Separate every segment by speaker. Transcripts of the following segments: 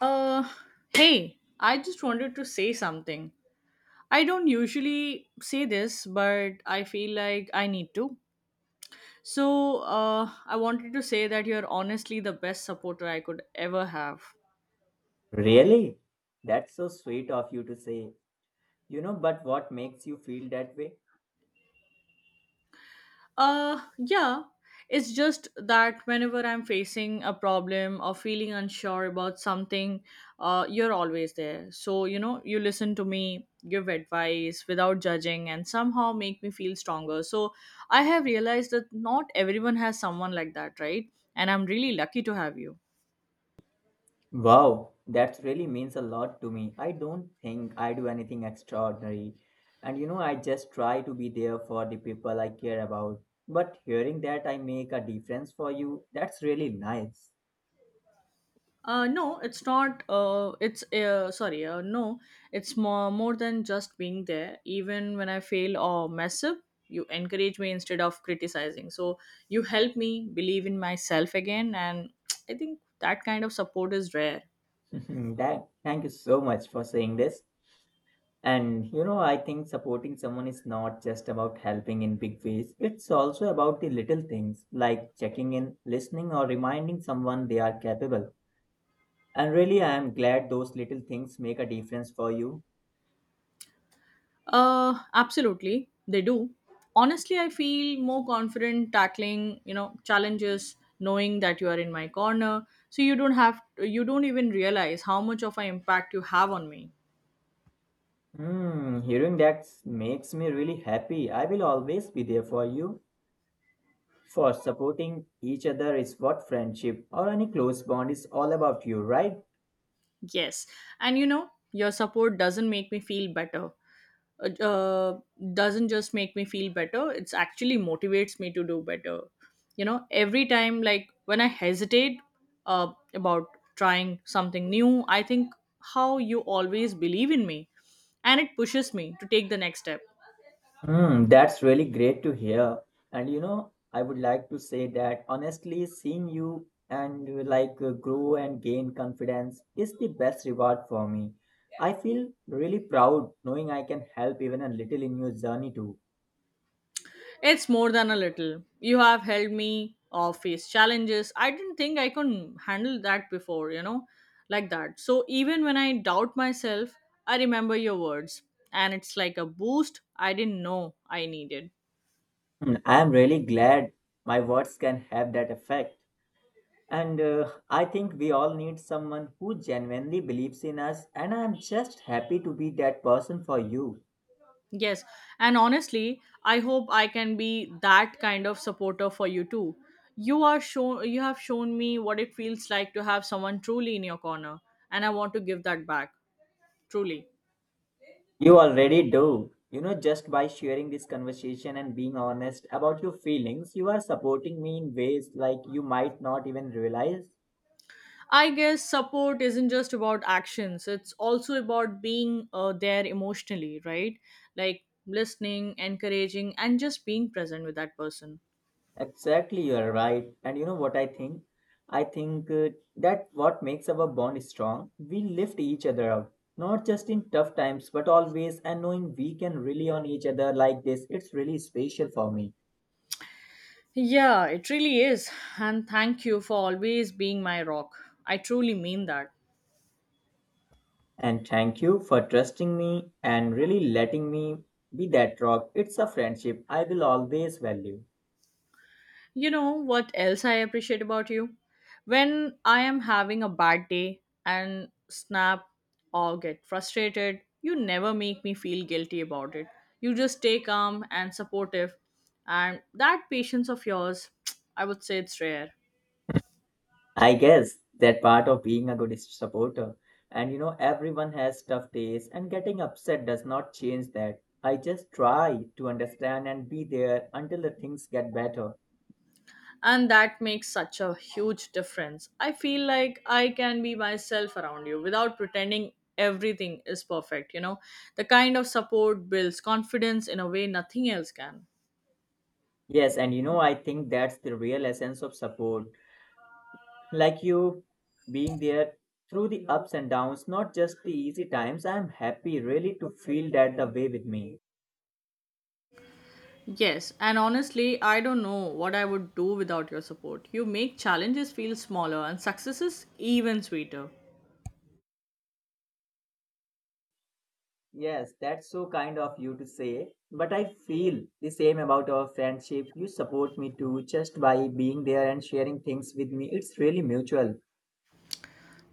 Speaker 1: Uh, Hey, I just wanted to say something. I don't usually say this, but I feel like I need to. So, I wanted to say that you're honestly the best supporter I could ever have.
Speaker 2: Really? That's so sweet of you to say. You know, but what makes you feel that way?
Speaker 1: Yeah. It's just that whenever I'm facing a problem or feeling unsure about something, you're always there. So, you listen to me, give advice without judging, and somehow make me feel stronger. So, I have realized that not everyone has someone like that, right? And I'm really lucky to have you.
Speaker 2: Wow, that really means a lot to me. I don't think I do anything extraordinary. And you know, I just try to be there for the people I care about. But hearing that I make a difference for you, that's really nice.
Speaker 1: No, it's not. It's Sorry. No, it's more than just being there. Even when I fail or mess up, you encourage me instead of criticizing. So you help me believe in myself again, and I think that kind of support is rare.
Speaker 2: that, thank you so much for saying this. And you know, I think supporting someone is not just about helping in big ways, it's also about the little things like checking in, listening, or reminding someone they are capable. And really, I am glad those little things make a difference for you.
Speaker 1: Absolutely, they do. Honestly, I feel more confident tackling challenges, knowing that you are in my corner. So you don't even realize how much of an impact you have on me.
Speaker 2: Hmm, hearing that makes me really happy. I will always be there for you. For supporting each other is what friendship or any close bond is all about you, right?
Speaker 1: Yes. And your support doesn't make me feel better. Uh, uh, doesn't just make me feel better, it's actually motivates me to do better. Every time, like when I hesitate about trying something new, I think how you always believe in me and it pushes me to take the next step.
Speaker 2: Hmm, that's really great to hear. And you know, I would like to say that honestly, seeing you and grow and gain confidence is the best reward for me. I feel really proud knowing I can help even a little in your journey too.
Speaker 1: It's more than a little. You have helped me face challenges. I didn't think I could handle that before, like that. So even when I doubt myself, I remember your words. And it's like a boost I didn't know I needed.
Speaker 2: Mm, I am really glad my words can have that effect. And I think we all need someone who genuinely believes in us, and I am just happy to be that person for you.
Speaker 1: Yes. And honestly, I hope I can be that kind of supporter for you too. You have shown me what it feels like to have someone truly in your corner. And I want to give that back. Truly.
Speaker 2: You already do. You know, just by sharing this conversation and being honest about your feelings, you are supporting me in ways like you might not even realize.
Speaker 1: I guess support isn't just about actions, it's also about being there emotionally, right? Like listening, encouraging, and just being present with that person.
Speaker 2: Exactly, you're right. And you know what I think? I think that what makes our bond strong, we lift each other up. Not just in tough times, but always, and knowing we can rely on each other like this, it's really special for me.
Speaker 1: Yeah, it really is. And thank you for always being my rock. I truly mean that.
Speaker 2: And thank you for trusting me and really letting me be that rock. It's a friendship I will always value.
Speaker 1: You know what else I appreciate about you? When I am having a bad day and snap or get frustrated, you never make me feel guilty about it. You just stay calm and supportive. And that patience of yours, I would say it's rare.
Speaker 2: I guess that part of being a good supporter. And you know, everyone has tough days, and getting upset does not change that. I just try to understand and be there until the things get better.
Speaker 1: And that makes such a huge difference. I feel like I can be myself around you without pretending everything is perfect. The kind of support builds confidence in a way nothing else can.
Speaker 2: Yes, and you know, I think that's the real essence of support. Like you being there through the ups and downs, not just the easy times. I'm happy really to feel that the way with me.
Speaker 1: Yes, and honestly, I don't know what I would do without your support. You make challenges feel smaller and successes even sweeter.
Speaker 2: Yes, that's so kind of you to say. But I feel the same about our friendship. You support me too just by being there and sharing things with me. It's really mutual.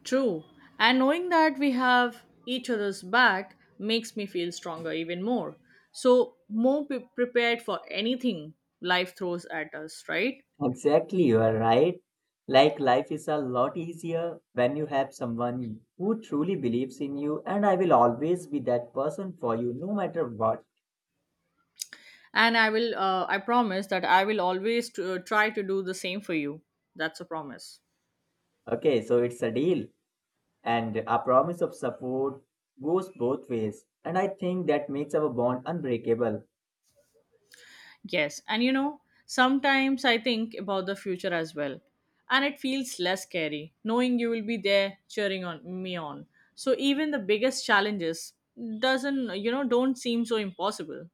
Speaker 1: True, and knowing that we have each other's back makes me feel stronger even more. So, more prepared for anything life throws at us, right?
Speaker 2: Exactly, you are right. Like life is a lot easier when you have someone who truly believes in you, and I will always be that person for you no matter what.
Speaker 1: And I promise that I will always try to do the same for you. That's a promise.
Speaker 2: Okay, so it's a deal, and a promise of support goes both ways, and I think that makes our bond unbreakable.
Speaker 1: Yes, and sometimes I think about the future as well, and it feels less scary knowing you will be there cheering on me on. So even the biggest challenges doesn't you know don't seem so impossible.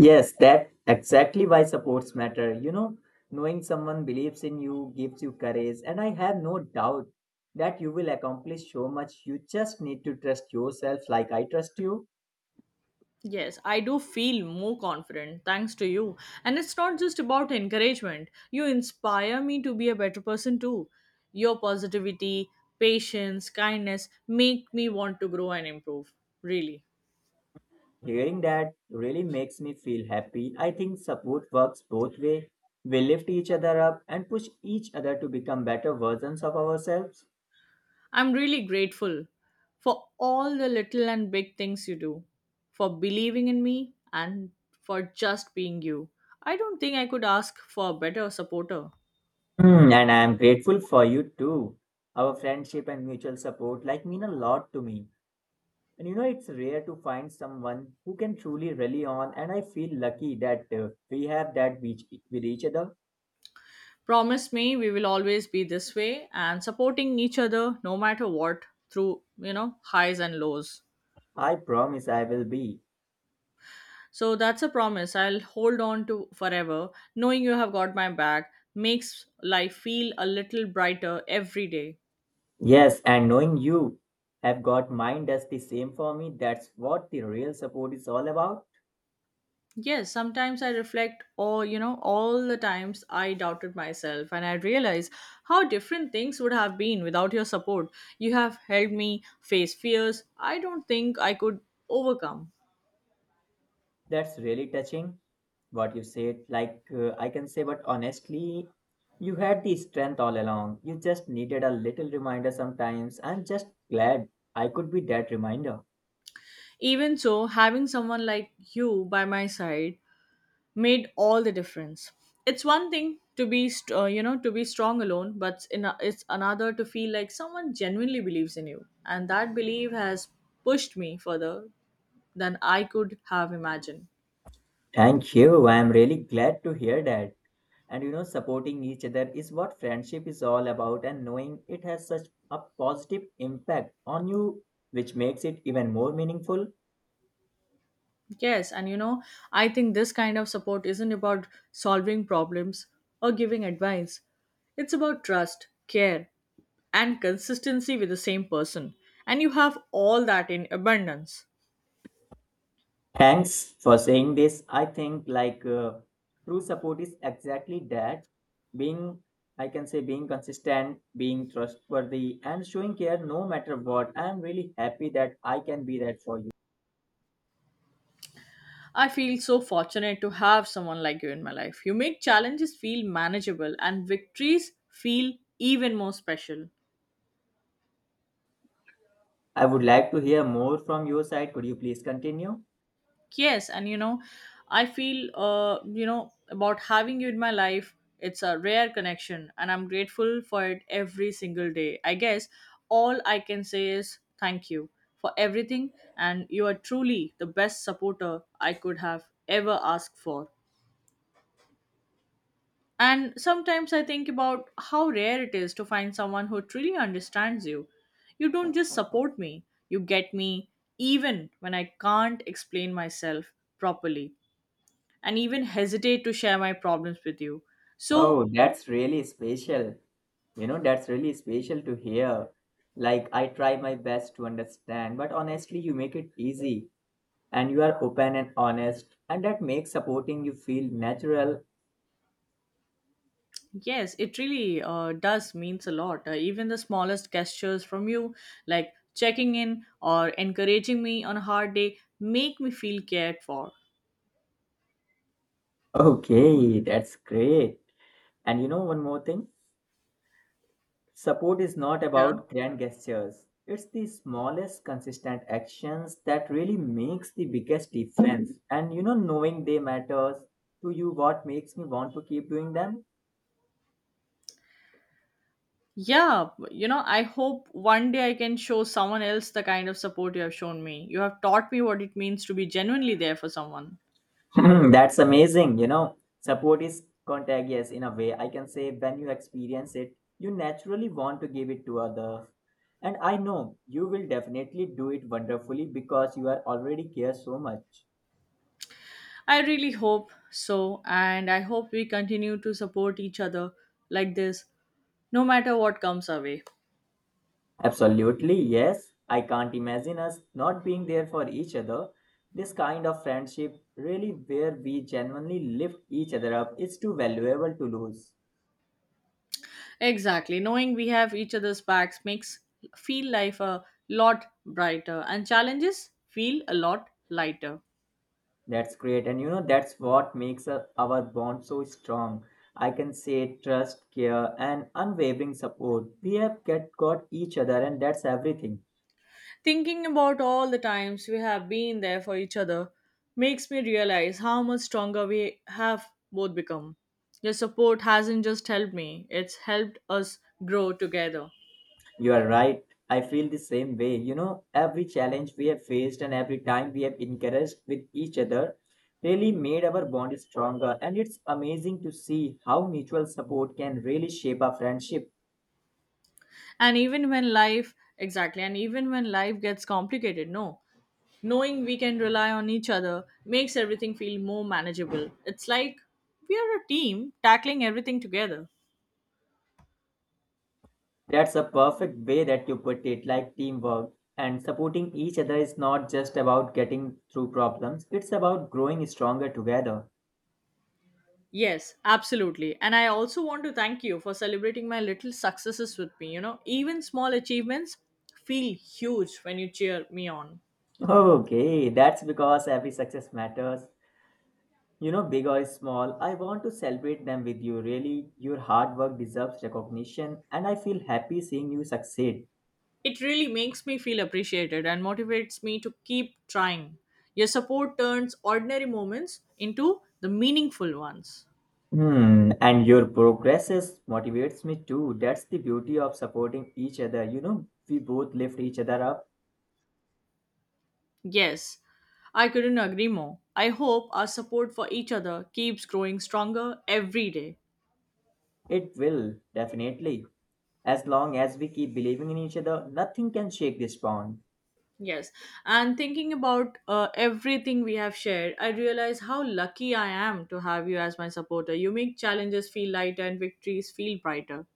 Speaker 2: Yes, that exactly why supports matter. You know, knowing someone believes in you gives you courage, and I have no doubt that you will accomplish so much. You just need to trust yourself like I trust you.
Speaker 1: Yes, I do feel more confident thanks to you. And it's not just about encouragement. You inspire me to be a better person too. Your positivity, patience, kindness make me want to grow and improve. Really.
Speaker 2: Hearing that really makes me feel happy. I think support works both way. We lift each other up and push each other to become better versions of ourselves.
Speaker 1: I'm really grateful for all the little and big things you do, for believing in me, and for just being you. I don't think I could ask for a better supporter.
Speaker 2: Hmm, and I am grateful for you too. Our friendship and mutual support like mean a lot to me. And you know, it's rare to find someone who can truly rely on, and I feel lucky that we have that with each other.
Speaker 1: Promise me we will always be this way and supporting each other no matter what through, highs and lows.
Speaker 2: I promise I will be.
Speaker 1: So that's a promise I'll hold on to forever. Knowing you have got my back makes life feel a little brighter every day.
Speaker 2: Yes, and knowing you have got mine does the same for me. That's what the real support is all about.
Speaker 1: Yes, sometimes I reflect all the times I doubted myself and I realize how different things would have been without your support. You have helped me face fears I don't think I could overcome.
Speaker 2: That's really touching what you said. Like, I can say, but honestly, you had the strength all along. You just needed a little reminder sometimes. I'm just glad I could be that reminder.
Speaker 1: Even so, having someone like you by my side made all the difference. It's one thing to be, st- you know, to be strong alone, but it's another to feel like someone genuinely believes in you. And that belief has pushed me further than I could have imagined.
Speaker 2: Thank you. I'm really glad to hear that. And you know, supporting each other is what friendship is all about, and knowing it has such a positive impact on you, which makes it even more meaningful.
Speaker 1: Yes, and I think this kind of support isn't about solving problems or giving advice. It's about trust, care, and consistency with the same person. And you have all that in abundance.
Speaker 2: Thanks for saying this. I think true support is exactly that being, I can say, being consistent, being trustworthy, and showing care no matter what. I am really happy that I can be that for you.
Speaker 1: I feel so fortunate to have someone like you in my life. You make challenges feel manageable and victories feel even more special.
Speaker 2: I would like to hear more from your side. Could you please continue?
Speaker 1: Yes, and I feel about having you in my life, it's a rare connection, and I'm grateful for it every single day. I guess all I can say is thank you for everything, and you are truly the best supporter I could have ever asked for. And sometimes I think about how rare it is to find someone who truly understands you. You don't just support me, you get me, even when I can't explain myself properly and even hesitate to share my problems with you. So,
Speaker 2: Oh, that's really special. You know, that's really special to hear. Like, I try my best to understand, but honestly, you make it easy and you are open and honest, and that makes supporting you feel natural.
Speaker 1: yes, it really does means a lot. Even the smallest gestures from you, like checking in or encouraging me on a hard day, make me feel cared for.
Speaker 2: Okay, that's great. And you know, one more thing support is not
Speaker 1: Yeah.
Speaker 2: about grand gestures, it's the smallest consistent actions that really makes the biggest difference. And you know, knowing they matters to you, what makes me want to keep doing them.
Speaker 1: Yeah, I hope one day I can show someone else the kind of support you have shown me. You have taught me what it means to be genuinely there for someone.
Speaker 2: That's amazing. You know, support is contagious in a way. I can say when you experience it, you naturally want to give it to others. And I know you will definitely do it wonderfully because you are already care so much.
Speaker 1: I really hope so, and I hope we continue to support each other like this, no matter what comes our way.
Speaker 2: Absolutely, yes. I can't imagine us not being there for each other. This kind of friendship, really where we genuinely lift each other up, is too valuable to lose.
Speaker 1: Exactly. Knowing we have each other's backs makes feel life a lot brighter and challenges feel a lot lighter.
Speaker 2: That's great. And you know, that's what makes our bond so strong. I can say trust, care, and unwavering support. We have got each other, and that's everything.
Speaker 1: Thinking about all the times we have been there for each other makes me realize how much stronger we have both become. Your support hasn't just helped me, it's helped us grow together.
Speaker 2: You are right. I feel the same way. You know, every challenge we have faced and every time we have encouraged with each other really made our bond stronger. And it's amazing to see how mutual support can really shape our friendship.
Speaker 1: And even when life Exactly. And even when life gets complicated, no, knowing we can rely on each other makes everything feel more manageable. It's like we are a team tackling everything together.
Speaker 2: That's a perfect way that you put it, like teamwork. And supporting each other is not just about getting through problems, it's about growing stronger together.
Speaker 1: Yes, absolutely. And I also want to thank you for celebrating my little successes with me. Even small achievements feel huge when you cheer me on.
Speaker 2: Okay, that's because every success matters. You know, big or small, I want to celebrate them with you. Really, your hard work deserves recognition, and I feel happy seeing you succeed.
Speaker 1: It really makes me feel appreciated and motivates me to keep trying. Your support turns ordinary moments into the meaningful ones.
Speaker 2: Hmm, and your progresses motivates me too. That's the beauty of supporting each other. You know, we both lift each other up.
Speaker 1: Yes, I couldn't agree more. I hope our support for each other keeps growing stronger every day.
Speaker 2: It will, definitely. As long as we keep believing in each other, nothing can shake this bond.
Speaker 1: Yes, and thinking about everything we have shared, I realize how lucky I am to have you as my supporter. You make challenges feel lighter and victories feel brighter.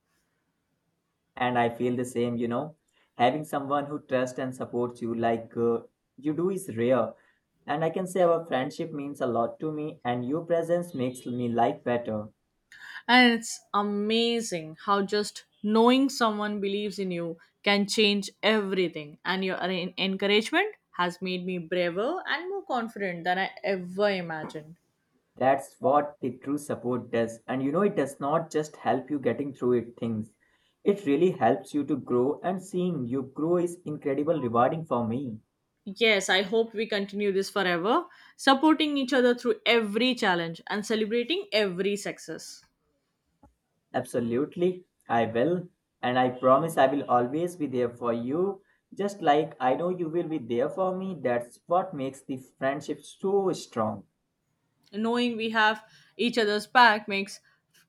Speaker 2: And I feel the same, you know. Having someone who trusts and supports you you do is rare. And I can say our friendship means a lot to me, and your presence makes me life better.
Speaker 1: And it's amazing how just knowing someone believes in you can change everything. And your encouragement has made me braver and more confident than I ever imagined.
Speaker 2: That's what the true support does. And you know, it does not just help you getting through it things. It really helps you to grow, and seeing you grow is incredible rewarding for me.
Speaker 1: Yes, I hope we continue this forever, supporting each other through every challenge and celebrating every success.
Speaker 2: Absolutely, I will. And I promise I will always be there for you. Just like I know you will be there for me. That's what makes the friendship so strong.
Speaker 1: Knowing we have each other's back makes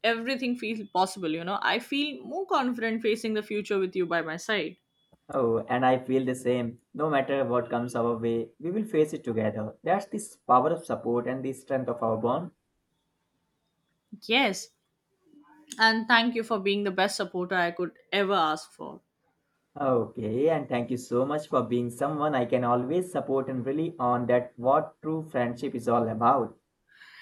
Speaker 1: everything feel possible. I feel more confident facing the future with you by my side.
Speaker 2: Oh, and I feel the same. No matter what comes our way, we will face it together. That's the power of support and the strength of our bond.
Speaker 1: Yes, and thank you for being the best supporter I could ever ask for.
Speaker 2: Okay, and thank you so much for being someone I can always support and really on that what true friendship is all about.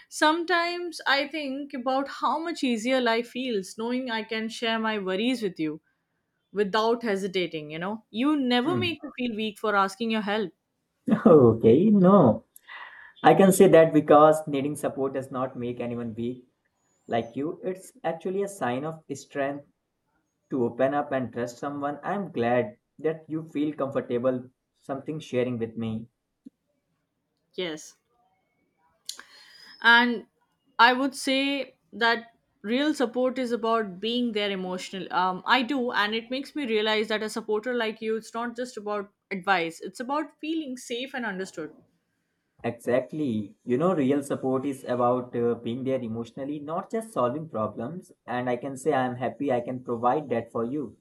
Speaker 1: Sometimes I think about how much easier life feels knowing I can share my worries with you without hesitating, you know. You never
Speaker 2: Hmm.
Speaker 1: make me feel weak for asking your help.
Speaker 2: Okay, no. I can say that because needing support does not make anyone weak like you. It's actually a sign of strength to open up and trust someone. I'm glad that you feel comfortable something sharing with me.
Speaker 1: Yes. And I would say that real support is about being there emotional. I do, and it makes me realize that a supporter like you, it's not just about advice, it's about feeling safe and understood.
Speaker 2: Exactly. You know, real support is about being there emotionally, not just solving problems. And I can say I'm happy I can provide that for you.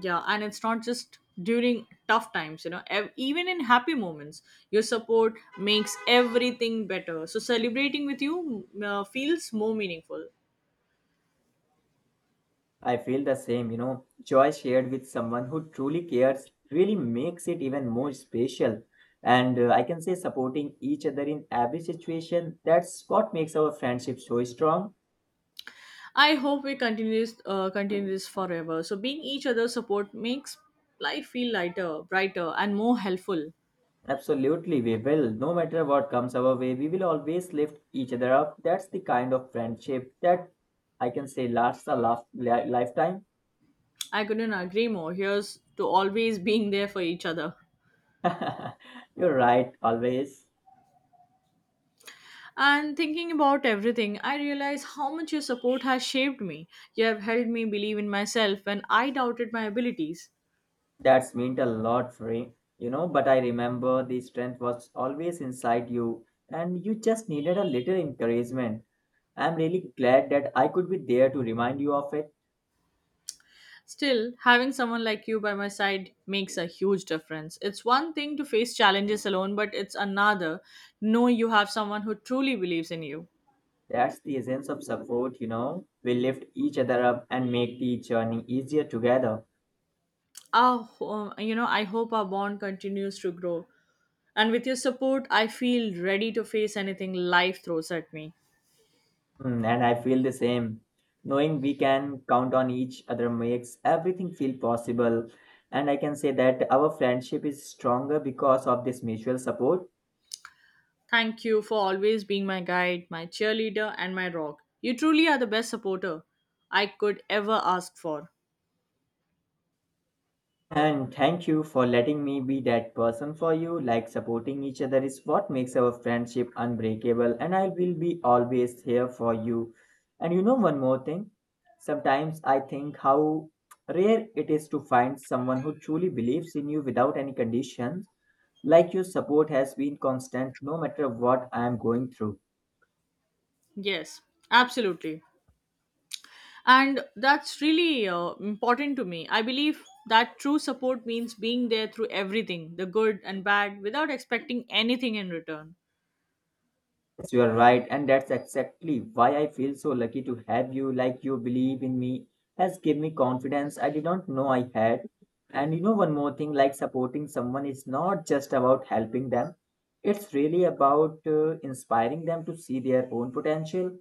Speaker 1: Yeah, and it's not just during tough times, even in happy moments, your support makes everything better. So celebrating with you feels more meaningful.
Speaker 2: I feel the same, you know. Joy shared with someone who truly cares really makes it even more special. And I can say supporting each other in every situation, that's what makes our friendship so strong.
Speaker 1: I hope we continue this forever. So being each other's support makes life feel lighter, brighter, and more helpful.
Speaker 2: Absolutely, we will. No matter what comes our way, we will always lift each other up. That's the kind of friendship that I can say lasts a lifetime.
Speaker 1: I couldn't agree more. Here's to always being there for each other.
Speaker 2: You're right, always.
Speaker 1: And thinking about everything, I realize how much your support has shaped me. You have helped me believe in myself when I doubted my abilities.
Speaker 2: That's meant a lot, Ray. You know, but I remember the strength was always inside you, and you just needed a little encouragement. I'm really glad that I could be there to remind you of it.
Speaker 1: Still, having someone like you by my side makes a huge difference. It's one thing to face challenges alone, but it's another know you have someone who truly believes in you.
Speaker 2: That's the essence of support, you know. We lift each other up and make the journey easier together.
Speaker 1: I hope our bond continues to grow. And with your support, I feel ready to face anything life throws at me.
Speaker 2: Mm, and I feel the same. Knowing we can count on each other makes everything feel possible. And I can say that our friendship is stronger because of this mutual support.
Speaker 1: Thank you for always being my guide, my cheerleader, and my rock. You truly are the best supporter I could ever ask for.
Speaker 2: And thank you for letting me be that person for you. Like supporting each other is what makes our friendship unbreakable, and I will be always here for you. And you know, one more thing sometimes I think how rare it is to find someone who truly believes in you without any conditions. Like your support has been constant no matter what I am going through.
Speaker 1: Yes, absolutely. And that's really important to me. I believe that true support means being there through everything, the good and bad, without expecting anything in return.
Speaker 2: Yes, you are right, and that's exactly why I feel so lucky to have you. Like you believe in me has given me confidence I did not know I had. And you know one more thing, like supporting someone is not just about helping them. It's really about inspiring them to see their own potential.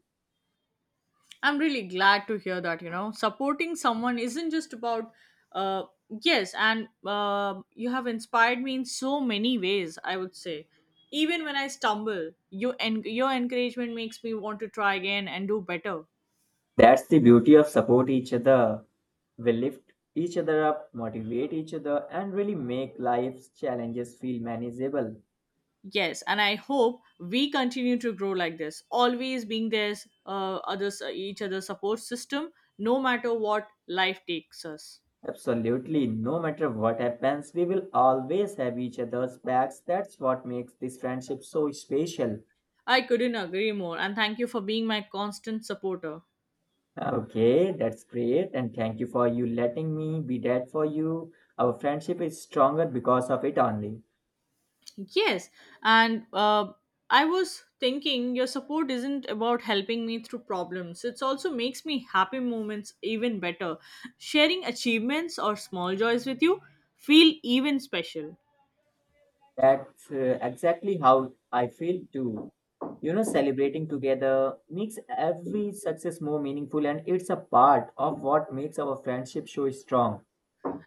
Speaker 1: I'm really glad to hear that, supporting someone isn't just about, uh, yes, and you have inspired me in so many ways, I would say. Even when I stumble, you your encouragement makes me want to try again and do better.
Speaker 2: That's the beauty of support each other. We lift each other up, motivate each other, and really make life's challenges feel manageable.
Speaker 1: Yes, and I hope we continue to grow like this, always being each other's support system, no matter what life takes us.
Speaker 2: Absolutely, no matter what happens, we will always have each other's backs. That's what makes this friendship so special.
Speaker 1: I couldn't agree more, and thank you for being my constant supporter.
Speaker 2: Okay, that's great, and thank you for you letting me be that for you. Our friendship is stronger because of it only.
Speaker 1: Yes, and I was thinking your support isn't about helping me through problems. It also makes me happy moments even better. Sharing achievements or small joys with you feel even special.
Speaker 2: That's exactly how I feel too. You know, celebrating together makes every success more meaningful, and it's a part of what makes our friendship so strong.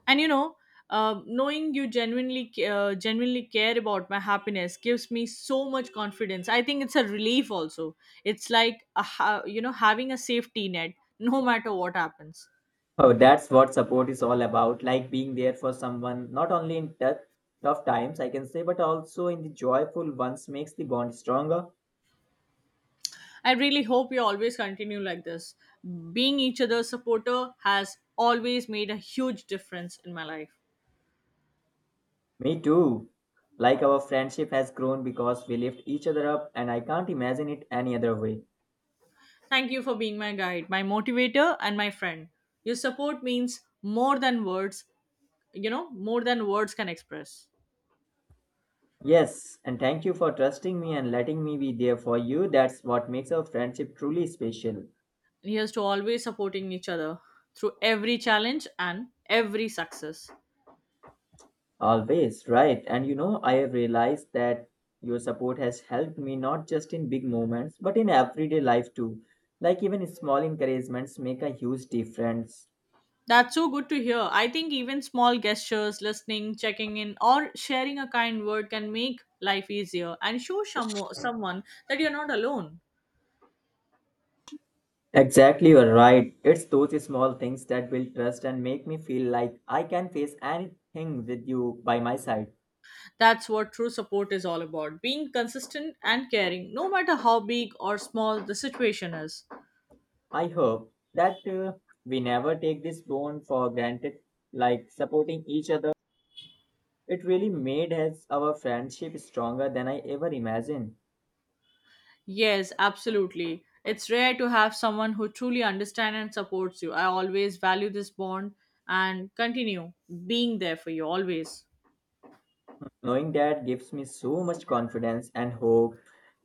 Speaker 1: And knowing you genuinely care about my happiness gives me so much confidence. I think it's a relief also. It's like a, ha- you know having a safety net no matter what happens.
Speaker 2: Oh, that's what support is all about, like being there for someone, not only in tough times, I can say, but also in the joyful ones makes the bond stronger.
Speaker 1: I really hope we always continue like this. Being each other's supporter has always made a huge difference in my life.
Speaker 2: Me too. Like our friendship has grown because we lift each other up, and I can't imagine it any other way.
Speaker 1: Thank you for being my guide, my motivator, and my friend. Your support means more than words can express.
Speaker 2: Yes, and thank you for trusting me and letting me be there for you. That's what makes our friendship truly special.
Speaker 1: Here's to always supporting each other through every challenge and every success.
Speaker 2: Always, right. And you know, I have realized that your support has helped me not just in big moments, but in everyday life too. Like even small encouragements make a huge difference.
Speaker 1: That's so good to hear. I think even small gestures, listening, checking in, or sharing a kind word can make life easier and show someone that you're not alone.
Speaker 2: Exactly, you're right. It's those small things that build trust and make me feel like I can face anything with you by my side.
Speaker 1: That's what true support is all about being consistent and caring, no matter how big or small the situation is.
Speaker 2: I hope that we never take this bond for granted, like supporting each other. It really made us our friendship stronger than I ever imagined.
Speaker 1: Yes, absolutely. It's rare to have someone who truly understands and supports you. I always value this bond and continue being there for you always.
Speaker 2: Knowing that gives me so much confidence and hope.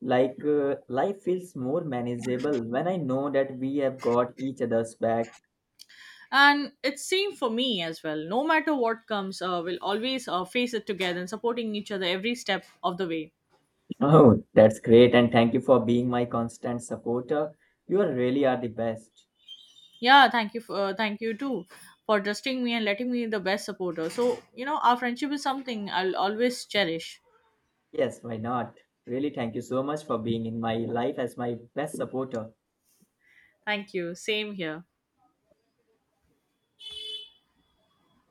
Speaker 2: Like, life feels more manageable when I know that we have got each other's back.
Speaker 1: And it's same for me as well. No matter what comes, we'll always face it together and supporting each other every step of the way.
Speaker 2: Oh, that's great. And thank you for being my constant supporter. You are really are the best.
Speaker 1: Yeah, thank you too for trusting me and letting me the best supporter. So, our friendship is something I'll always cherish.
Speaker 2: Yes, why not? Really, thank you so much for being in my life as my best supporter.
Speaker 1: Thank you, same here.